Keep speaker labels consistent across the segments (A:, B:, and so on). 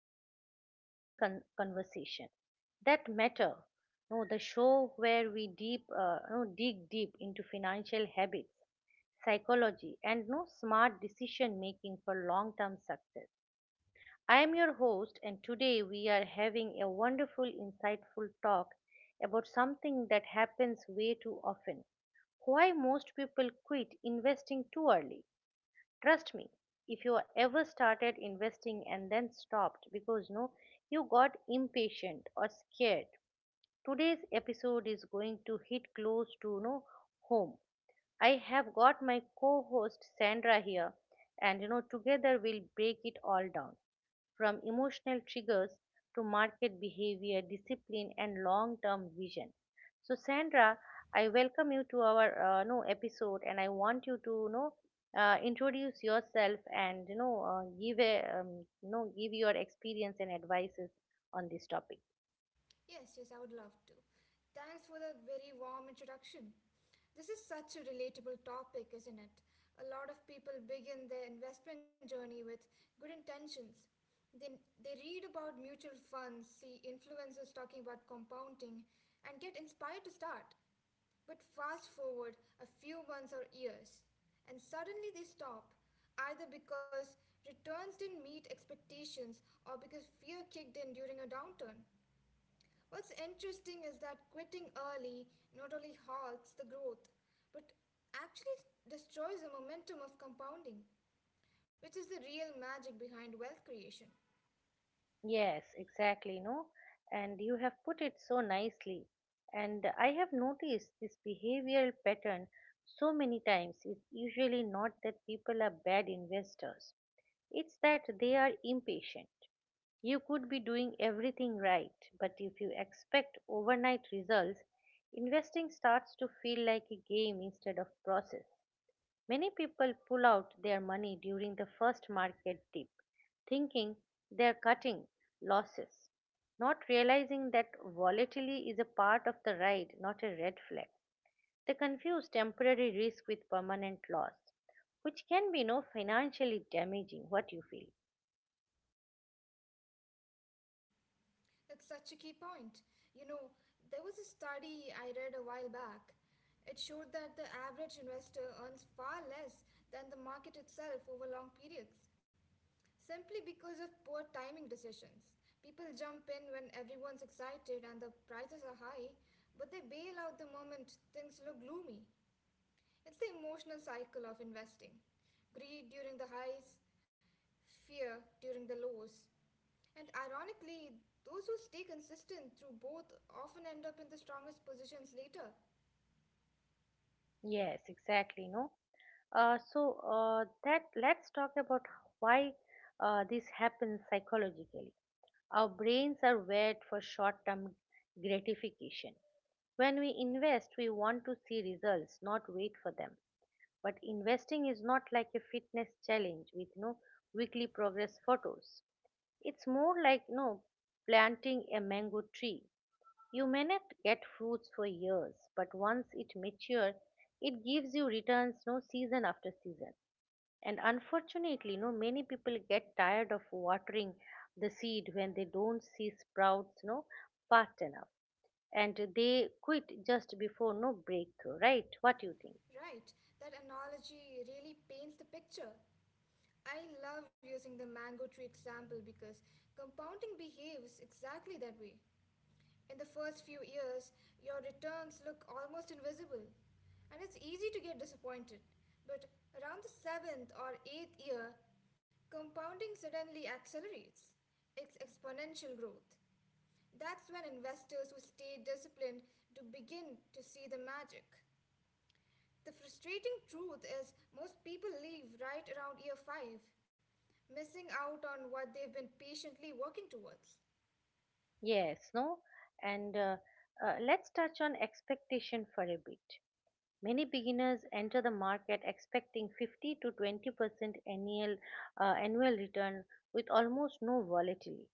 A: welcome to Money Conversation That Matter. No, the show where we deep, no, dig deep into financial habits, psychology, and no smart decision making for long-term success. I am your host, and today we are having a wonderful, insightful talk about something that happens way too often: why most people quit investing too early. Trust me, if you ever started investing and then stopped because no, you got impatient or scared, today's episode is going to hit close to no home. I have got my co-host Sandra here, and you know together we'll break it all down from emotional triggers to market behavior, discipline, and long term vision. So, Sandra, I welcome you to our no episode, and I want you to know, introduce yourself and give a you know give your experience and advices on this topic.
B: Yes, yes, I would love to. Thanks for the very warm introduction. This is such a relatable topic, isn't it? A lot of people begin their investment journey with good intentions. Then they read about mutual funds, see influencers talking about compounding, and get inspired to start. But fast forward a few months or years, and suddenly they stop, either because returns didn't meet expectations or because fear kicked in during a downturn. What's interesting is that quitting early not only halts the growth, but actually destroys the momentum of compounding, which is the real magic behind wealth creation.
A: Yes, exactly. No, and you have put it so nicely. And I have noticed this behavioral pattern so many times. It's usually not that people are bad investors. It's that they are impatient. You could be doing everything right, but if you expect overnight results, investing starts to feel like a game instead of process. Many people pull out their money during the first market dip, thinking they're cutting losses, not realizing that volatility is a part of the ride, not a red flag. They confuse temporary risk with permanent loss, which can be no financially damaging. What you feel?
B: That's such a key point. You know, there was a study I read a while back. It showed that the average investor earns far less than the market itself over long periods. Simply because of poor timing decisions. People jump in when everyone's excited and the prices are high, but they bail out the moment things look gloomy. It's the emotional cycle of investing: greed during the highs, fear during the lows. And ironically, those who stay consistent through both often end up in the strongest positions later.
A: Yes, exactly. No. So that let's talk about why this happens psychologically. Our brains are wired for short-term gratification. When we invest, we want to see results, not wait for them. But investing is not like a fitness challenge with no weekly progress photos. It's more like no planting a mango tree. You may not get fruits for years, but once it matures, it gives you returns no season after season. And unfortunately, no many people get tired of watering the seed when they don't see sprouts no fast enough, and they quit just before no breakthrough. Right? What do you think?
B: Right, that analogy really paints the picture. I love using the mango tree example because compounding behaves exactly that way. In the first few years, your returns look almost invisible, and it's easy to get disappointed. But around the seventh or eighth year, compounding suddenly accelerates. It's exponential growth. That's when investors who stay disciplined to begin to see the magic. The frustrating truth is, most people leave right around year five, missing out on what they've been patiently working towards.
A: Yes, no, and Let's touch on expectation for a bit. Many beginners enter the market expecting 50 to 20% annual return with almost no volatility.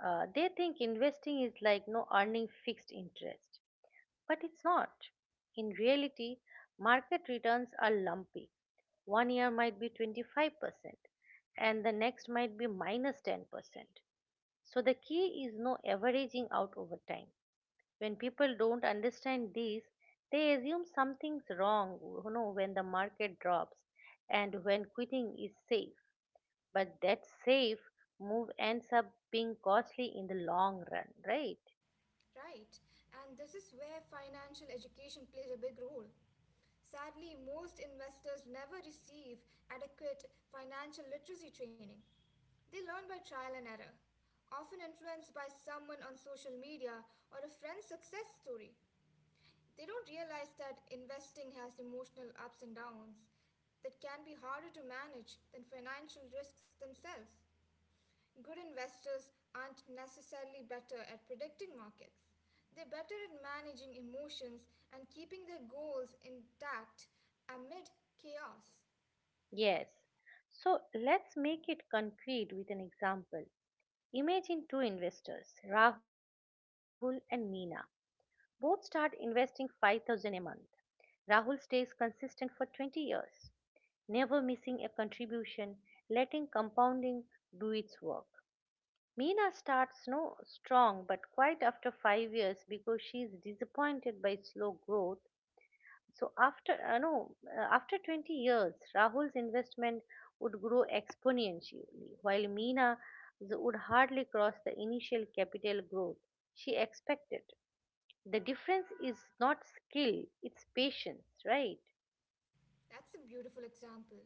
A: They think investing is like no earning fixed interest, but it's not. In reality, market returns are lumpy. One year might be 25% and the next might be minus 10%. So the key is no averaging out over time. When people don't understand these, they assume something's wrong, you know, when the market drops and when quitting is safe, but that safe move ends up being costly in the long run, right?
B: Right, and this is where financial education plays a big role. Sadly, most investors never receive adequate financial literacy training. They learn by trial and error, often influenced by someone on social media or a friend's success story. They don't realize that investing has emotional ups and downs that can be harder to manage than financial risks themselves. Good investors aren't necessarily better at predicting markets. They're better at managing emotions and keeping their goals intact amid chaos.
A: Yes, so let's make it concrete with an example. Imagine two investors, Rahul and Meena. Both start investing 5,000 a month. Rahul stays consistent for 20 years, never missing a contribution, letting compounding do its work. Mina starts no strong but quite after 5 years because she is disappointed by slow growth. So after no after 20 years Rahul's investment would grow exponentially, while Meena would hardly cross the initial capital growth she expected. The difference is not skill, it's patience, right?
B: That's a beautiful example.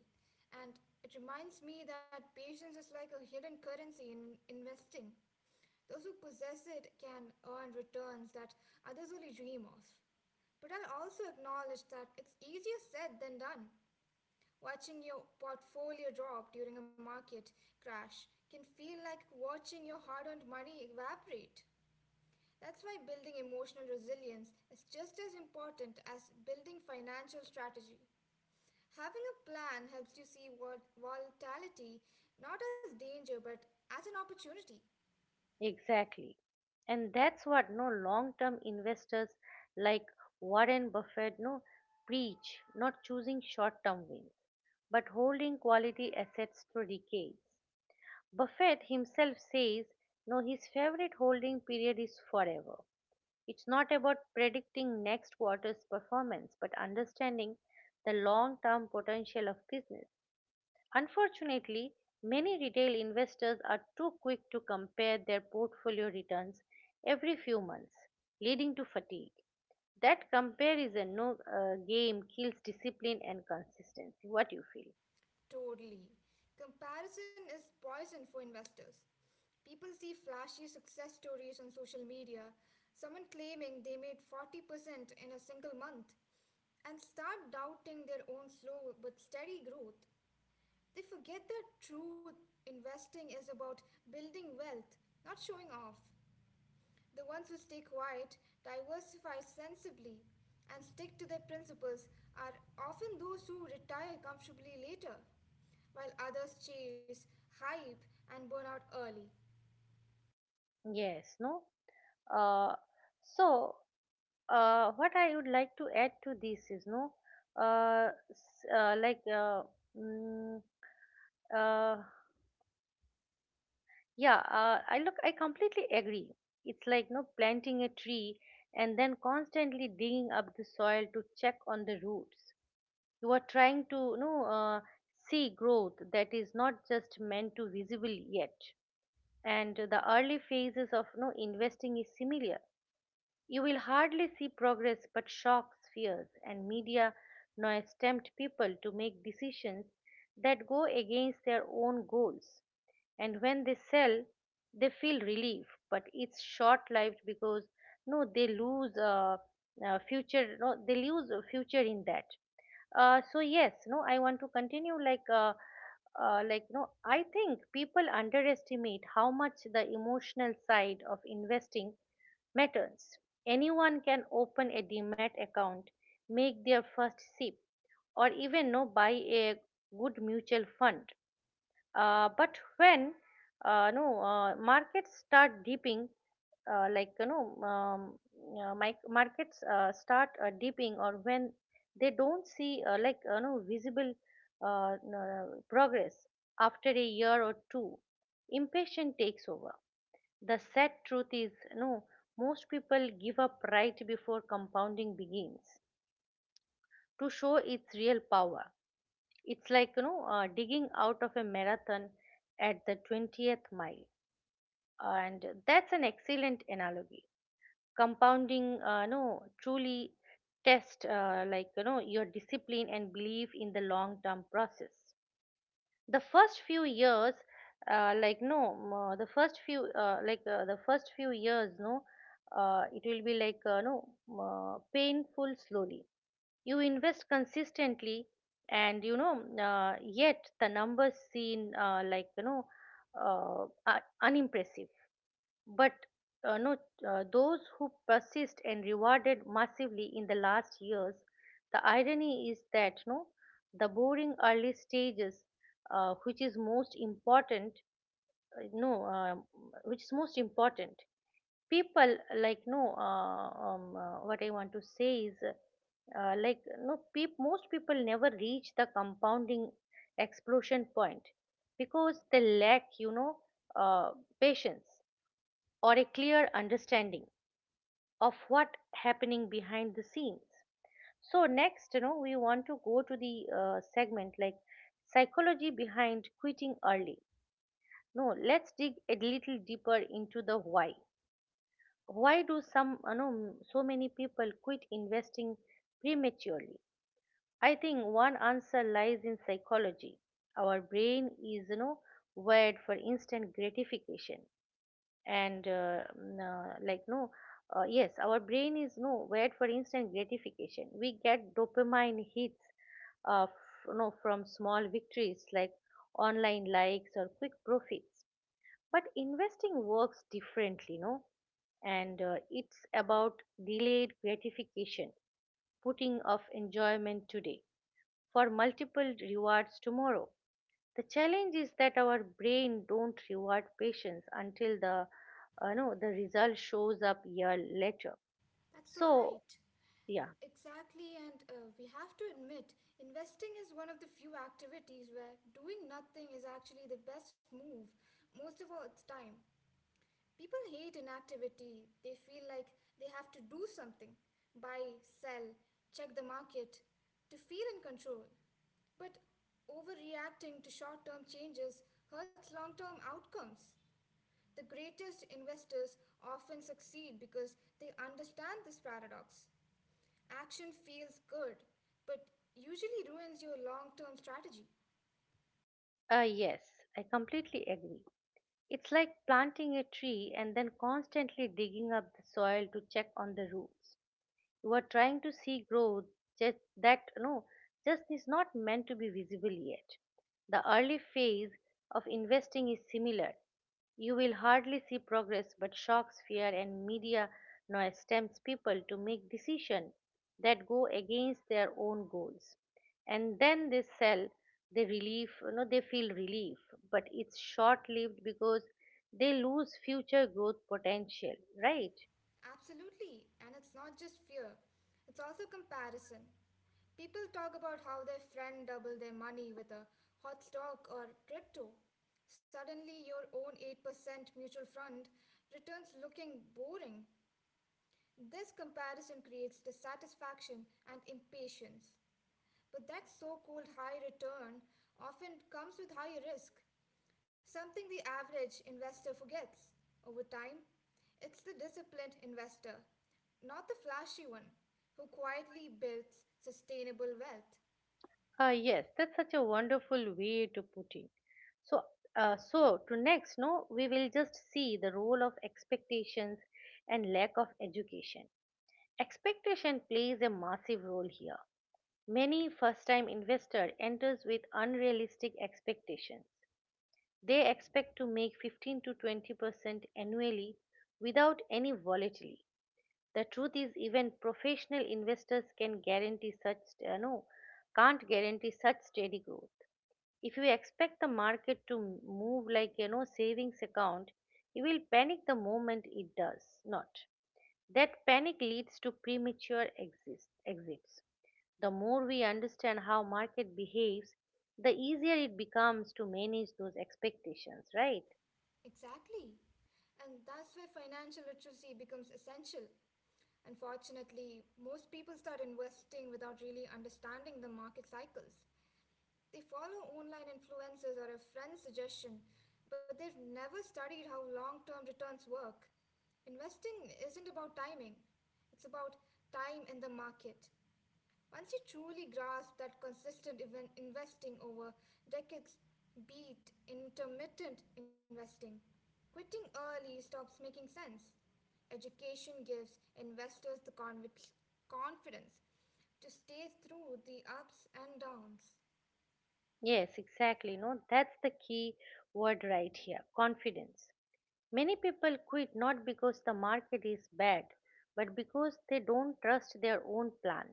B: And it reminds me that patience is like a hidden currency in investing. Those who possess it can earn returns that others only dream of. But I'll also acknowledge that it's easier said than done. Watching your portfolio drop during a market crash can feel like watching your hard earned money evaporate. That's why building emotional resilience is just as important as building financial strategy. Having a plan helps you see volatility not as danger but as an opportunity.
A: Exactly. And that's what no long-term investors like Warren Buffett preach, not choosing short-term wins, but holding quality assets through decades. Buffett himself says, no, his favorite holding period is forever. It's not about predicting next quarter's performance, but understanding the long-term potential of business. Unfortunately, many retail investors are too quick to compare their portfolio returns every few months, leading to fatigue. That comparison no game kills discipline and consistency. What you feel?
B: Totally. Comparison is poison for investors. People see flashy success stories on social media, someone claiming they made 40% in a single month, and start doubting their own slow but steady growth. They forget that true investing is about building wealth, not showing off. The ones who stay quiet, diversify sensibly, and stick to their principles are often those who retire comfortably later, while others chase hype and burn out early.
A: Yes, no. Uh, so what I would like to add to this is, no, s- like mm, uh, Yeah, I look, I completely agree. It's like no planting a tree and then constantly digging up the soil to check on the roots. You are trying to no see growth that is not just meant to visible yet. And the early phases of no investing is similar. You will hardly see progress, but shocks, fears, and media noise tempt people to make decisions that go against their own goals. And when they sell, they feel relief, but it's short lived because no, they lose future. No, they lose a future in that. So yes, no, I want to continue like. Like no I think people underestimate how much the emotional side of investing Materns. Anyone can open a demat account, make their first SIP, or even no buy a good mutual fund. But when no markets start dipping, like you know, mic- markets start dipping, or when they don't see visible progress after a year or two, impatience takes over. The sad truth is, no, most people give up right before compounding begins to show its real power. It's like, you know, digging out of a marathon at the 20th mile. And that's an excellent analogy. Compounding, no, truly test, like, you know, your discipline and belief in the long term process. The first few years like no m- the first few like the first few years no it will be like no m- painful. Slowly you invest consistently, and yet the numbers seen are unimpressive, but no, those who persist and rewarded massively in the last years. The irony is that, no, the boring early stages, uh, which is most important, uh, no, um which is most important. People like no, what I want to say is, most people never reach the compounding explosion point because they lack, you know, uh, patience or a clear understanding of what happening behind the scenes. So next, you know, we want to go to the segment like psychology behind quitting early. No Let's dig a little deeper into the why. Why do some you know so many people quit investing prematurely? I think one answer lies in psychology. Our brain is, you know, wired for instant gratification, and n- like no yes our brain is no wired for instant gratification. We get dopamine hits f- no from small victories like online likes or quick profits. But investing works differently, no and it's about delayed gratification, putting off enjoyment today for multiple rewards tomorrow. The challenge is that our brain don't reward patience until the no the result shows up year later.
B: That's so
A: So
B: right.
A: yeah,
B: Exactly, and we have to admit, investing is one of the few activities where doing nothing is actually the best move most of all its time. People hate inactivity. They feel like they have to do something: buy, sell, check the market, to feel in control. But overreacting to short term changes hurts long term outcomes. The greatest investors often succeed because they understand this paradox. Action feels good, but usually ruins your long term strategy.
A: yes, I completely agree. It's like planting a tree and then constantly digging up the soil to check on the roots. You are trying to see growth just that just is not meant to be visible yet. The early phase of investing is similar. You will hardly see progress, but shocks, fear and media noise tempts people to make decisions that go against their own goals. And then they sell, they feel relief, but it's short lived because they lose future growth potential, right?
B: Absolutely, and it's not just fear, it's also comparison. People talk about how their friend doubled their money with a hot stock or crypto. Suddenly, your own 8% mutual fund returns looking boring. This comparison creates dissatisfaction and impatience. But that so called high return often comes with high risk, something the average investor forgets. Over time, it's the disciplined investor, not the flashy one, who quietly builds sustainable wealth.
A: Yes, that's such a wonderful way to put it. So, to next, no, we will just see the role of expectations and lack of education. Expectation plays a massive role here. Many first-time investor enters with unrealistic expectations. They expect to make 15 to 20% annually without any volatility. The truth is, even professional investors uh, no, can't guarantee such steady growth. If you expect the market to move like, you know, savings account, you will panic the moment it does not. That panic leads to premature exits. The more we understand how market behaves, the easier it becomes to manage those expectations, right?
B: Exactly. And that's where financial literacy becomes essential. Unfortunately, most people start investing without really understanding the market cycles. They follow online influencers or a friend's suggestion, but they've never studied how long term returns work. Investing isn't about timing, it's about time and the market. Once you truly grasp that consistent even investing over decades beat intermittent investing, quitting early stops making sense. Education gives investors the confidence to stay through the ups and downs.
A: Yes, exactly. no That's the key word right here: confidence. Many people quit not because the market is bad, but because they don't trust their own plan.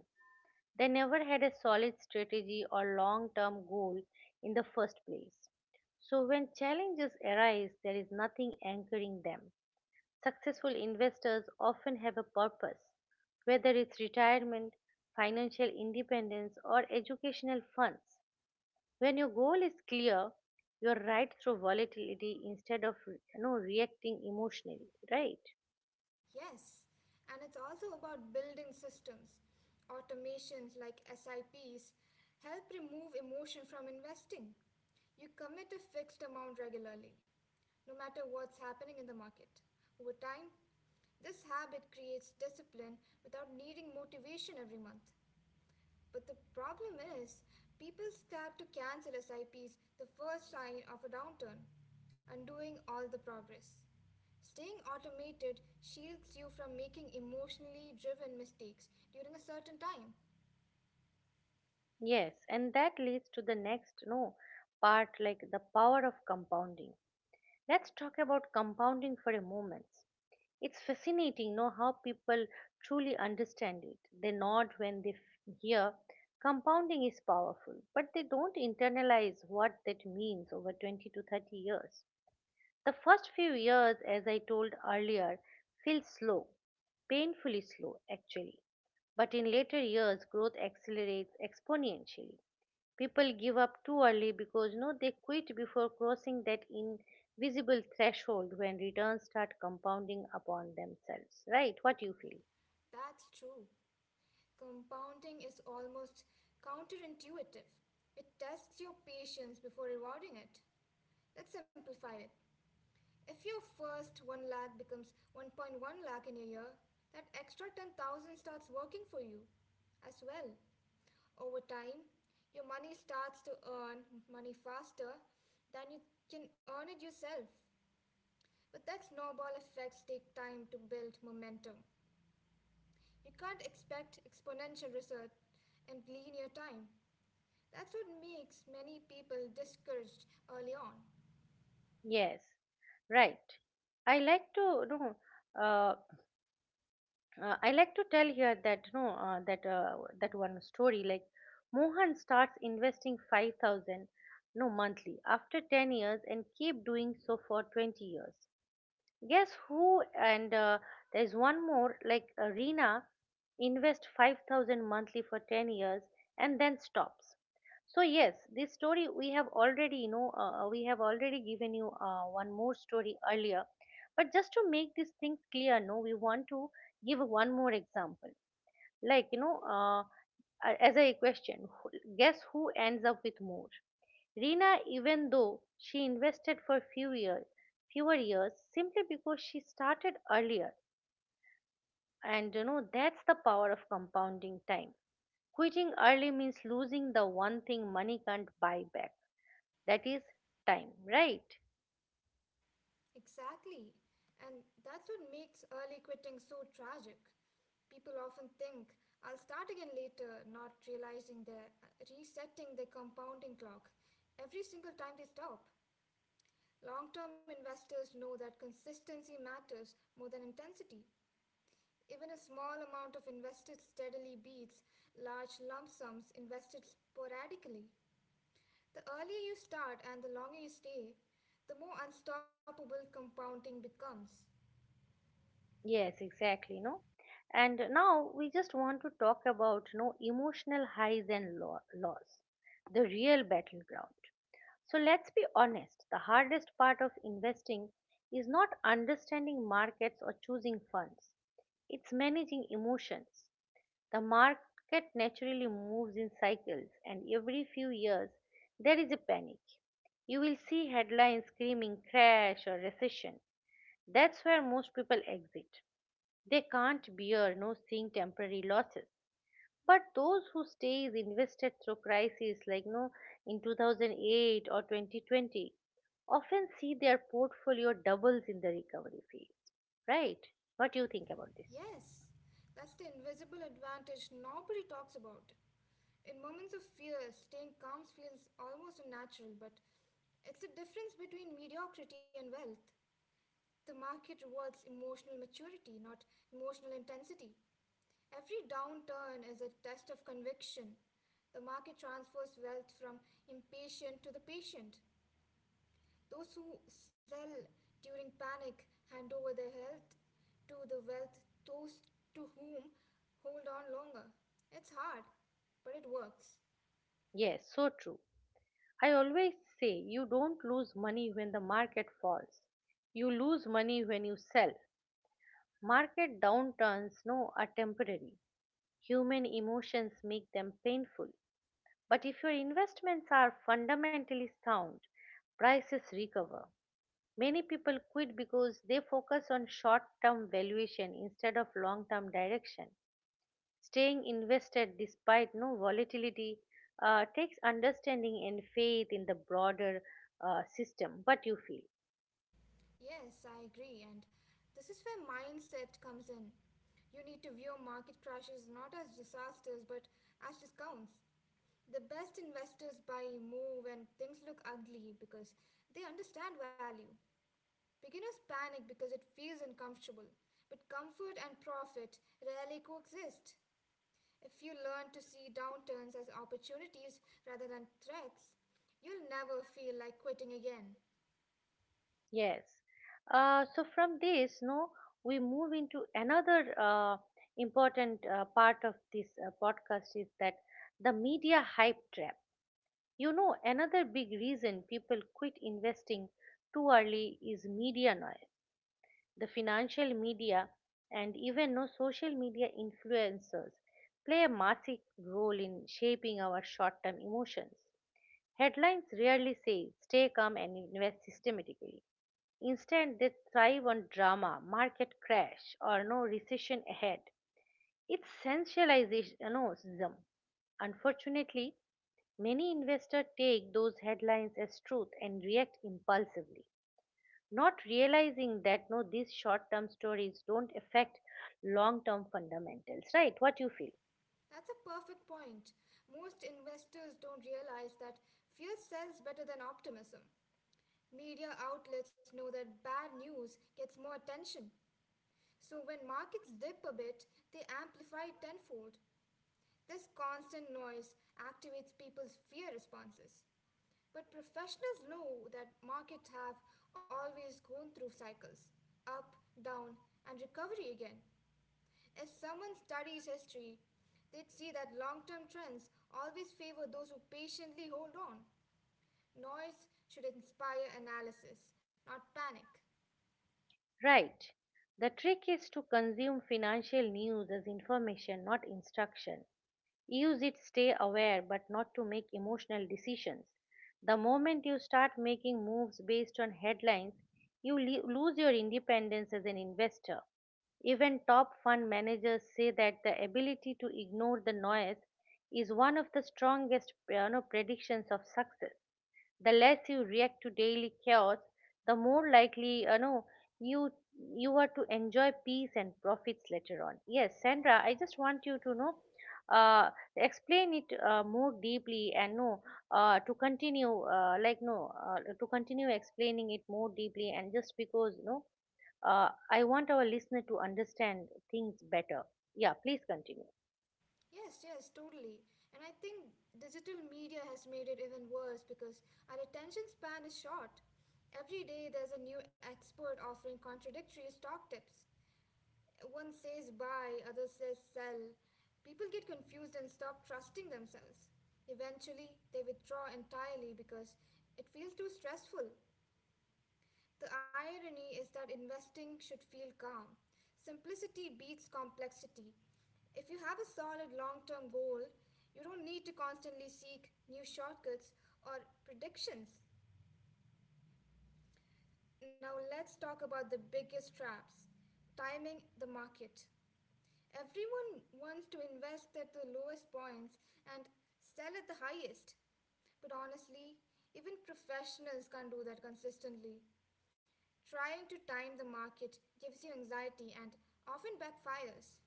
A: They never had a solid strategy or long term goal in the first place. So, when challenges arise, there is nothing anchoring them. Successful investors often have a purpose, whether it's retirement, financial independence, or educational funds. When your goal is clear, you're right through volatility instead of, you know, reacting emotionally, right?
B: Yes, and it's also about building systems. Automations like SIPs help remove emotion from investing. You commit a fixed amount regularly, no matter what's happening in the market. Over time, this habit creates discipline without needing motivation every month. But the problem is, people start to cancel SIPs the first sign of a downturn, undoing all the progress. Staying automated shields you from making emotionally driven mistakes during a certain time.
A: Yes, and that leads to the next no part like the power of compounding. Let's talk about compounding for a moment. It's fascinating know how people truly understand it. They nod when they hear compounding is powerful, but they don't internalize what that means over 20 to 30 years. The first few years, as I told earlier, feel slow, painfully slow actually. But in later years, growth accelerates exponentially. People give up too early because no they quit before crossing that invisible threshold when returns start compounding upon themselves. Right? What you feel?
B: That's true. Compounding is almost counterintuitive, it tests your patience before rewarding it. Let's simplify it. If your first 1 lakh becomes 1.1 lakh in a year, that extra 10,000 starts working for you as well. Over time, your money starts to earn money faster than you can earn it yourself. But that snowball effects take time to build momentum. You can't expect exponential results in linear time. That's what makes many people discouraged early on.
A: Yes. Right. I like to no. Uh, I like to tell here that no that that one story like Mohan starts investing 5,000 no monthly after 10 years and keep doing so for 20 years. Guess who? And there's one more like Rina invest 5,000 monthly for 10 years and then stops. So yes, this story we have already we have already given you one more story earlier. But just to make these things clear, no, we want to give one more example. Like you know, as a question, guess who ends up with more? Rina, even though she invested for fewer years, simply because she started earlier, and you know that's the power of compounding time. Quitting early means losing the one thing money can't buy back, that is time, right?
B: Exactly. And that's what makes early quitting so tragic. People often think, I'll start again later, not realizing they're resetting their compounding clock every single time they stop. Long term investors know that consistency matters more than intensity. Even a small amount of invested steadily beats large lump sums invested sporadically. The earlier you start and the longer you stay, the more unstoppable compounding becomes.
A: Yes, exactly, no. And now we just want to talk about no emotional highs and lows, the real battleground. So let's be honest, the hardest part of investing is not understanding markets or choosing funds. It's managing emotions. The market naturally moves in cycles, and every few years there is a panic. You will see headlines screaming crash or recession. That's where most people exit. They can't bear no seeing temporary losses. But those who stays invested through crises like no in 2008 or 2020 often see their portfolio doubles in the recovery phase, right? What do you think about this?
B: Yes, that's the invisible advantage nobody talks about. In moments of fear, staying calm feels almost unnatural, but it's the difference between mediocrity and wealth. The market rewards emotional maturity, not emotional intensity. Every downturn is a test of conviction. The market transfers wealth from impatient to the patient. Those who sell during panic hand over their health to the wealth, those to whom hold on longer. It's hard, but it works.
A: Yes, so true. I always say you don't lose money when the market falls. You lose money when you sell. Market downturns no are temporary. Human emotions make them painful. But if your investments are fundamentally sound, prices recover. Many people quit because they focus on short term valuation instead of long term direction. Staying invested despite no volatility takes understanding and faith in the broader system. What you feel?
B: Yes, I agree, and this is where mindset comes in. You need to view market crashes not as disasters but as discounts. The best investors buy, move, when things look ugly because they understand value. Beginners panic because it feels uncomfortable, but comfort and profit rarely coexist. If you learn to see downturns as opportunities rather than threats, you'll never feel like quitting again.
A: Yes. So from this, no, we move into another important part of this podcast is that the media hype trap. You know, another big reason people quit investing too early is media noise. The financial media and even no social media influencers play a massive role in shaping our short-term emotions. Headlines rarely say stay calm and invest systematically. Instead, they thrive on drama, market crash, or no recession ahead. It's sensationalism. Unfortunately, many investors take those headlines as truth and react impulsively, not realizing that no these short-term stories don't affect long-term fundamentals, right? What you feel?
B: That's a perfect point. Most investors don't realize that fear sells better than optimism. Media outlets know that bad news gets more attention. So when markets dip a bit, they amplify it tenfold. This constant noise activates people's fear responses. But professionals know that markets have always gone through cycles: up, down, and recovery again. If someone studies history, they'd see that long term trends always favor those who patiently hold on. Noise should inspire analysis, not panic.
A: Right. The trick is to consume financial news as information, not instruction. Use it stay aware but not to make emotional decisions. The moment you start making moves based on headlines, you lose your independence as an investor. Even top fund managers say that the ability to ignore the noise is one of the strongest you know, predictions of success. The less you react to daily chaos, the more likely you know you you are to enjoy peace and profits later on. Yes, Sandra, I just want you to know uh, explain it more deeply and to continue like no to continue explaining it more deeply and just because no I want our listener to understand things better. Yeah, please continue.
B: Yes, yes, totally. And I think digital media has made it even worse because our attention span is short. Every day there's a new expert offering contradictory stock tips. One says buy, other says sell. People get confused and stop trusting themselves. Eventually, they withdraw entirely because it feels too stressful. The irony is that investing should feel calm. Simplicity beats complexity. If you have a solid long term goal, you don't need to constantly seek new shortcuts or predictions. Now, let's talk about the biggest traps: timing the market. Everyone wants to invest at the lowest points and sell at the highest. But honestly, even professionals can't do that consistently. Trying to time the market gives you anxiety and often backfires.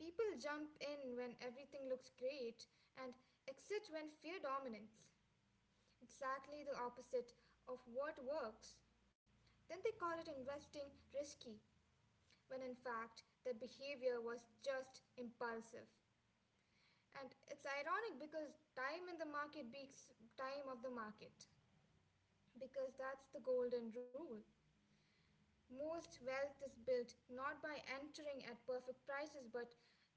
B: People jump in when everything looks great and exit when fear dominates. Exactly the opposite of what works. Then they call it investing risky, when in fact their behavior was just impulsive. And it's ironic because time in the market beats time of the market, because that's the golden rule. Most wealth is built not by entering at perfect prices, but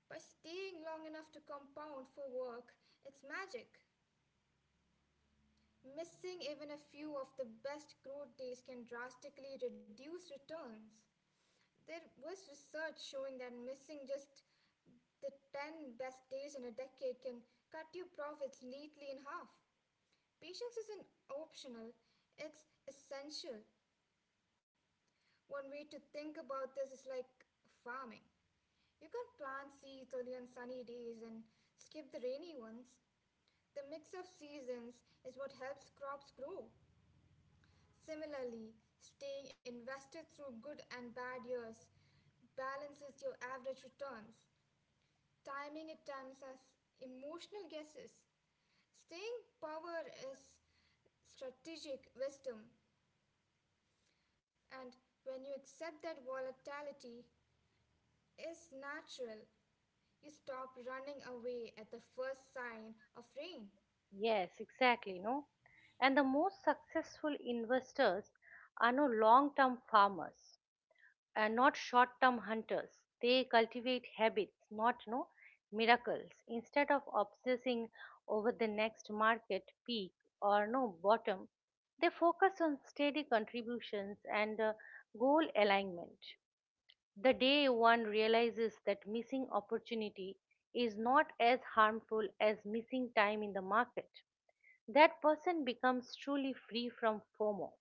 B: by staying long enough to compound for work. It's magic. Missing even a few of the best growth days can drastically reduce returns. There was research showing that missing just the 10 best days in a decade can cut your profits neatly in half. Patience isn't optional, it's essential. One way to think about this is like farming. You can plant seeds only on sunny days and skip the rainy ones. The mix of seasons is what helps crops grow. Similarly, staying invested through good and bad years balances your average returns. Timing at times as emotional guesses. Staying power is strategic wisdom, and when you accept that volatility is natural, you stop running away at the first sign of rain.
A: Yes, exactly, no? And the most successful investors are no long term farmers and not short term hunters. They cultivate habits, not no miracles. Instead of obsessing over the next market peak or no bottom, they focus on steady contributions and goal alignment. The day one realizes that missing opportunity is not as harmful as missing time in the market, that person becomes truly free from FOMO.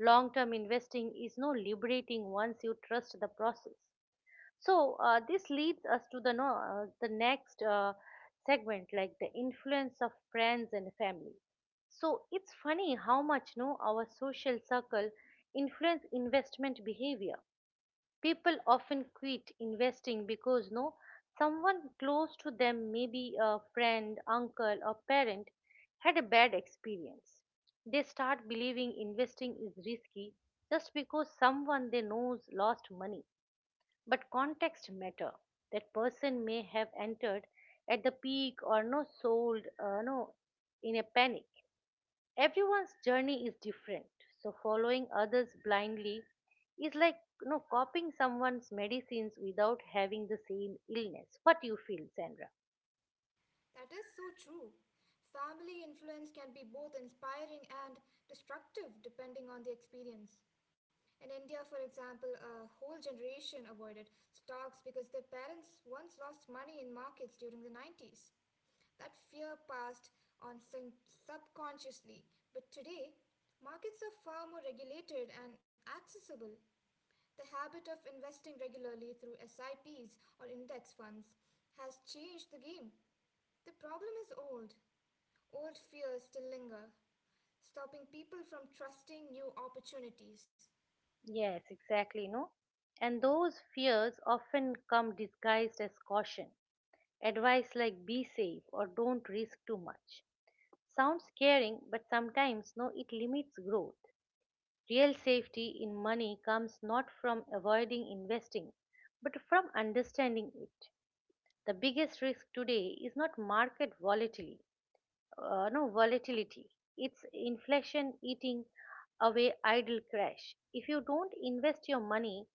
A: Long term investing is no liberating once you trust the process. So, this leads us to the, no, the next segment, like the influence of friends and family. So, it's funny how much no, our social circle influence investment behavior. People often quit investing because no someone close to them, maybe a friend, uncle, or parent, had a bad experience. They start believing investing is risky just because someone they know lost money. But context matter. That person may have entered at the peak or no sold no in a panic. Everyone's journey is different, so following others blindly is like you know, copying someone's medicines without having the same illness. What do you feel, Sandra?
B: That is so true. Family influence can be both inspiring and destructive depending on the experience. In India, for example, a whole generation avoided stocks because their parents once lost money in markets during the 90s. That fear passed on subconsciously, but today, markets are far more regulated and accessible. The habit of investing regularly through SIPs or index funds has changed the game. The problem is old. Old fears still linger, stopping people from trusting new opportunities.
A: Yes, exactly, no? And those fears often come disguised as caution. Advice like be safe or don't risk too much. Sounds caring, but sometimes no, it limits growth. Real safety in money comes not from avoiding investing, but from understanding it. The biggest risk today is not market volatility, no volatility. It's inflation eating away idle cash. If you don't invest your money,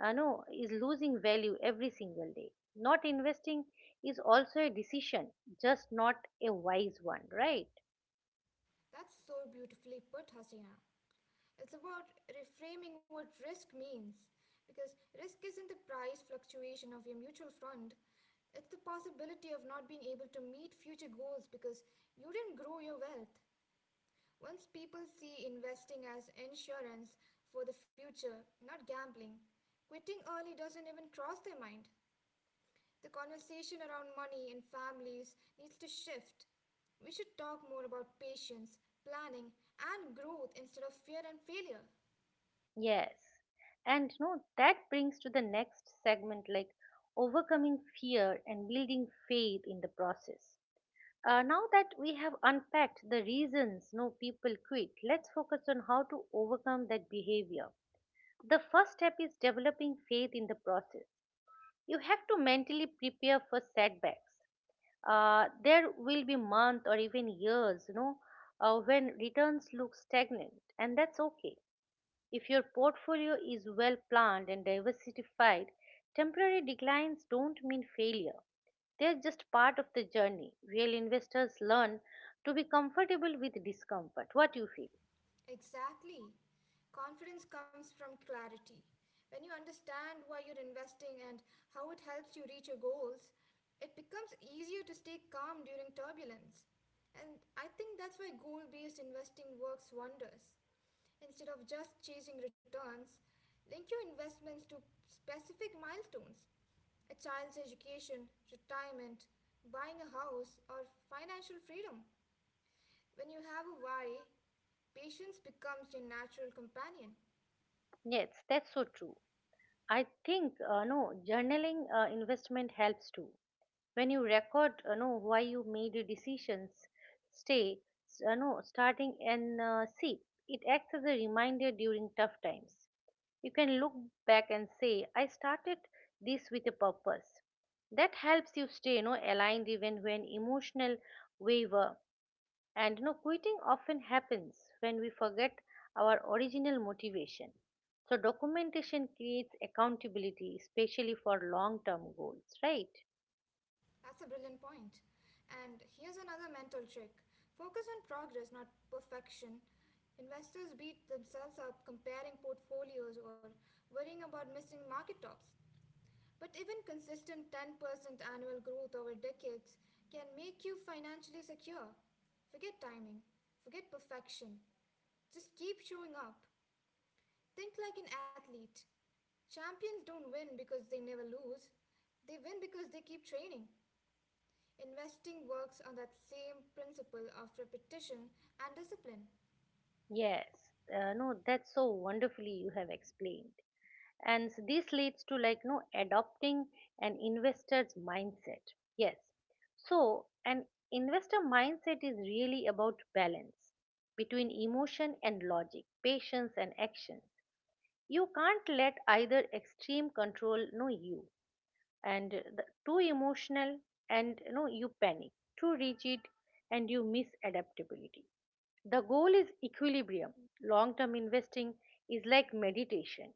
A: no, is losing value every single day. Not investing is also a decision, just not a wise one, right?
B: That's so beautifully put, Hasina. It's about reframing what risk means, because risk isn't the price fluctuation of your mutual fund. It's the possibility of not being able to meet future goals because you didn't grow your wealth. Once people see investing as insurance for the future, not gambling, quitting early doesn't even cross their mind. The conversation around money and families needs to shift. We should talk more about patience, planning, and growth instead of fear and failure.
A: Yes. And no, that brings to the next segment like overcoming fear and building faith in the process. Now that we have unpacked the reasons no people quit, let's focus on how to overcome that behavior. The first step is developing faith in the process. You have to mentally prepare for setbacks. There will be months or even years, you know, when returns look stagnant, and that's okay. If your portfolio is well planned and diversified, temporary declines don't mean failure. They're just part of the journey. Real investors learn to be comfortable with discomfort. What do you feel?
B: Exactly. Confidence comes from clarity. When you understand why you're investing and how it helps you reach your goals, it becomes easier to stay calm during turbulence. And I think that's why goal based investing works wonders. Instead of just chasing returns, link your investments to specific milestones: a child's education, retirement, buying a house, or financial freedom. When you have a why, patience becomes your natural companion.
A: Yes, that's so true. I think no journaling investment helps too. When you record, know why you made your decisions, stay, s- no starting and see. It acts as a reminder during tough times. You can look back and say, I started this with a purpose. That helps you stay you know, aligned even when emotional waver. And you know, quitting often happens when we forget our original motivation. So, documentation creates accountability, especially for long term goals, right?
B: That's a brilliant point. And here's another mental trick: focus on progress, not perfection. Investors beat themselves up comparing portfolios or worrying about missing market tops. But even consistent 10% annual growth over decades can make you financially secure. Forget timing, forget perfection. Just keep showing up. Think like an athlete. Champions don't win because they never lose, they win because they keep training. Investing works on that same principle of repetition and discipline.
A: Yes, no, that's so wonderfully you have explained. And this leads to like no adopting an investor's mindset. Yes, so an investor mindset is really about balance between emotion and logic, patience and action. You can't let either extreme control no you, and the, too emotional and no you panic, too rigid and you miss adaptability. The goal is equilibrium. Long term investing is like meditation.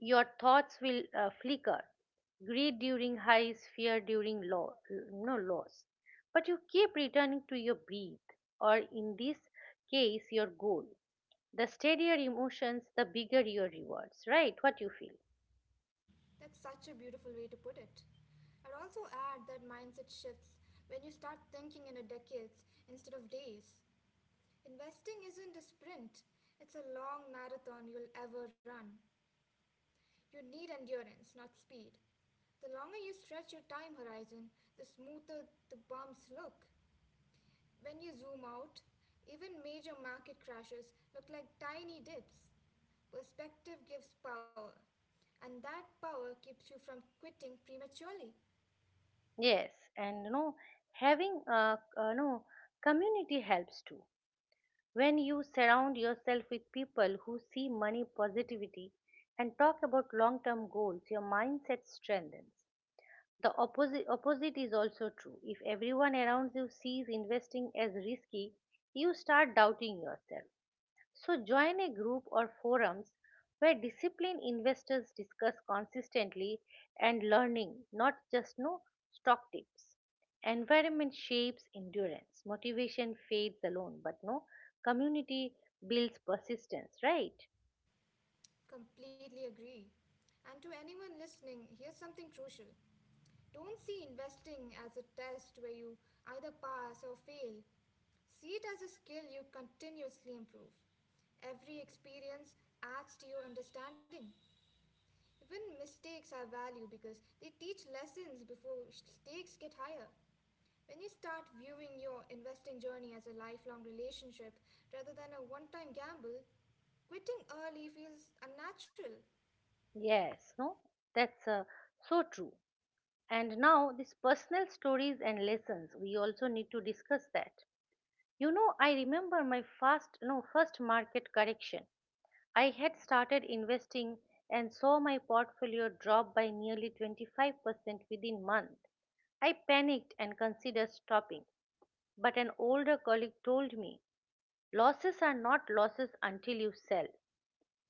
A: Your thoughts will flicker. Greed during highs, fear during low, no loss. But you keep returning to your breath, or in this case, your goal. The steadier emotions, the bigger your rewards, right? What you feel?
B: That's such a beautiful way to put it. I'd also add that mindset shifts when you start thinking in a decades instead of days. Investing isn't a sprint, it's a long marathon you'll ever run. You need endurance, not speed. The longer you stretch your time horizon, the smoother the bumps look. When you zoom out, even major market crashes look like tiny dips. Perspective gives power, and that power keeps you from quitting prematurely.
A: Yes, and you know, having a no community helps too. When you surround yourself with people who see money positivity and talk about long-term goals, your mindset strengthens. The opposite is also true. If everyone around you sees investing as risky, you start doubting yourself. So join a group or forums where disciplined investors discuss consistently and learning, not just no stock tips. Environment shapes endurance. Motivation fades alone, but no community builds persistence, right?
B: Completely agree. And to anyone listening, here's something crucial. Don't see investing as a test where you either pass or fail. See it as a skill you continuously improve. Every experience adds to your understanding. Even mistakes are value because they teach lessons before stakes get higher. When you start viewing your investing journey as a lifelong relationship rather than a one time gamble, quitting early feels unnatural.
A: Yes, no. That's so true. And now, these personal stories and lessons, we also need to discuss that. You know, I remember my first, no, first market correction. I had started investing and saw my portfolio drop by nearly 25% within month. I panicked and considered stopping, but an older colleague told me, losses are not losses until you sell.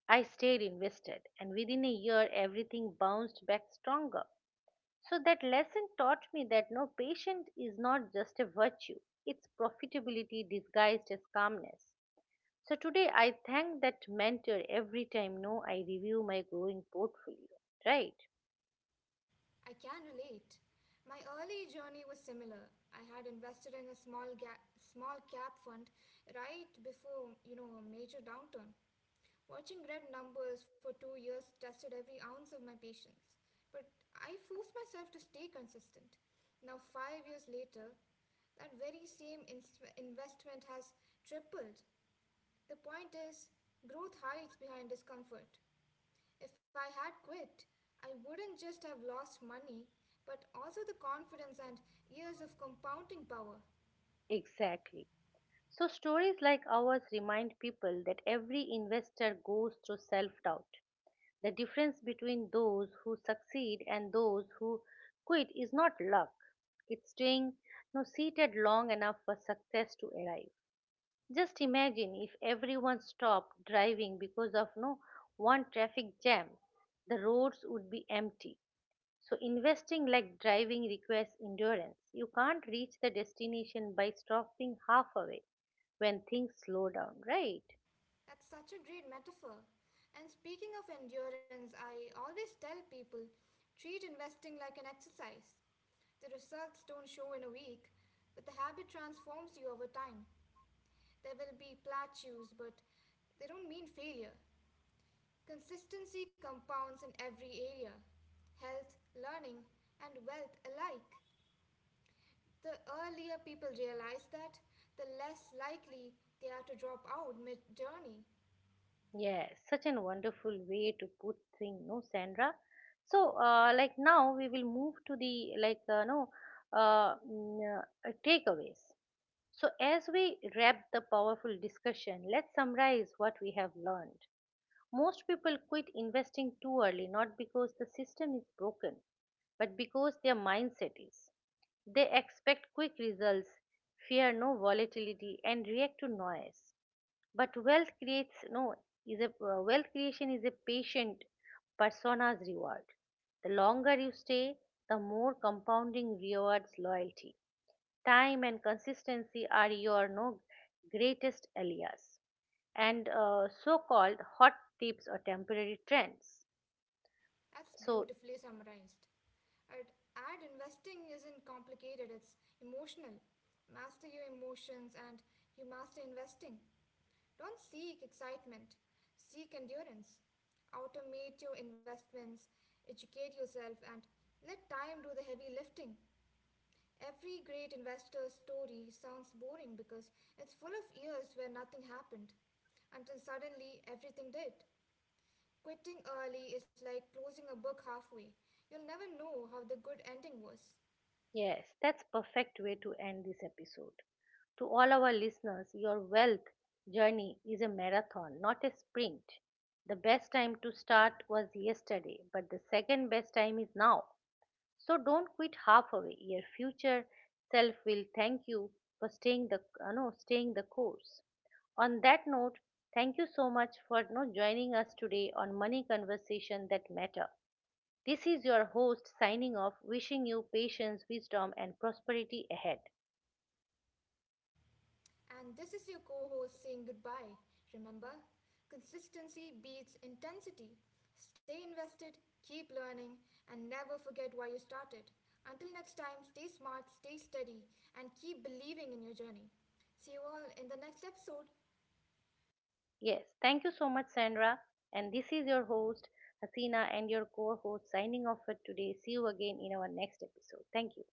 A: I stayed invested, and within a year everything bounced back stronger. So that lesson taught me that no patience is not just a virtue, it's profitability disguised as calmness. So today I thank that mentor every time no I review my growing portfolio. Right?
B: I can relate. My early journey was similar. I had invested in a small cap fund right before, you know, a major downturn. Watching red numbers for 2 years tested every ounce of my patience, but I forced myself to stay consistent. Now 5 years later, that very same investment has tripled. The point is, growth hides behind discomfort. If I had quit, I wouldn't just have lost money, but also the confidence and years of compounding power.
A: Exactly. So stories like ours remind people that every investor goes through self-doubt. The difference between those who succeed and those who quit is not luck. It's staying no seated long enough for success to arrive. Just imagine if everyone stopped driving because of no one traffic jam, the roads would be empty. So investing like driving requires endurance. You can't reach the destination by stopping halfway when things slow down, right?
B: That's such a great metaphor. And speaking of endurance, I always tell people treat investing like an exercise. The results don't show in a week, but the habit transforms you over time. There will be plateaus, but they don't mean failure. Consistency compounds in every area: health, learning, and wealth alike. The earlier people realize that, the less likely they are to drop out mid journey.
A: Yes, such an wonderful way to put thing, no, Sandra. So, like now we will move to the like no mm, takeaways. So, as we wrap the powerful discussion, let's summarize what we have learned. Most people quit investing too early not because the system is broken, but because their mindset is. They expect quick results, fear no volatility, and react to noise. But wealth creates no is a wealth creation is a patient persona's reward. The longer you stay, the more compounding rewards loyalty. Time and consistency are your no greatest alias, and so-called hot tips or temporary trends.
B: That's
A: So
B: beautifully summarized. Ad, ad investing isn't complicated, it's emotional. Master your emotions and you master investing. Don't seek excitement, seek endurance. Automate your investments, educate yourself, and let time do the heavy lifting. Every great investor's story sounds boring because it's full of years where nothing happened until suddenly everything did. Quitting early is like closing a book halfway. You'll never know how the good ending was.
A: yes, that's perfect way to end this episode. To all our listeners, your wealth journey is a marathon, not a sprint. The best time to start was yesterday, but the second best time is now. So don't quit halfway. Your future self will thank you for staying the no, staying the course. On that note, thank you so much for you know, joining us today on Money Conversation That Matter. This is your host signing off, wishing you patience, wisdom, and prosperity ahead.
B: And this is your co host saying goodbye. Remember, consistency beats intensity. Stay invested, keep learning, and never forget why you started. Until next time, stay smart, stay steady, and keep believing in your journey. See you all in the next episode.
A: Yes, thank you so much, Sandra. And this is your host, Hasina, and your co host signing off for today. See you again in our next episode. Thank you.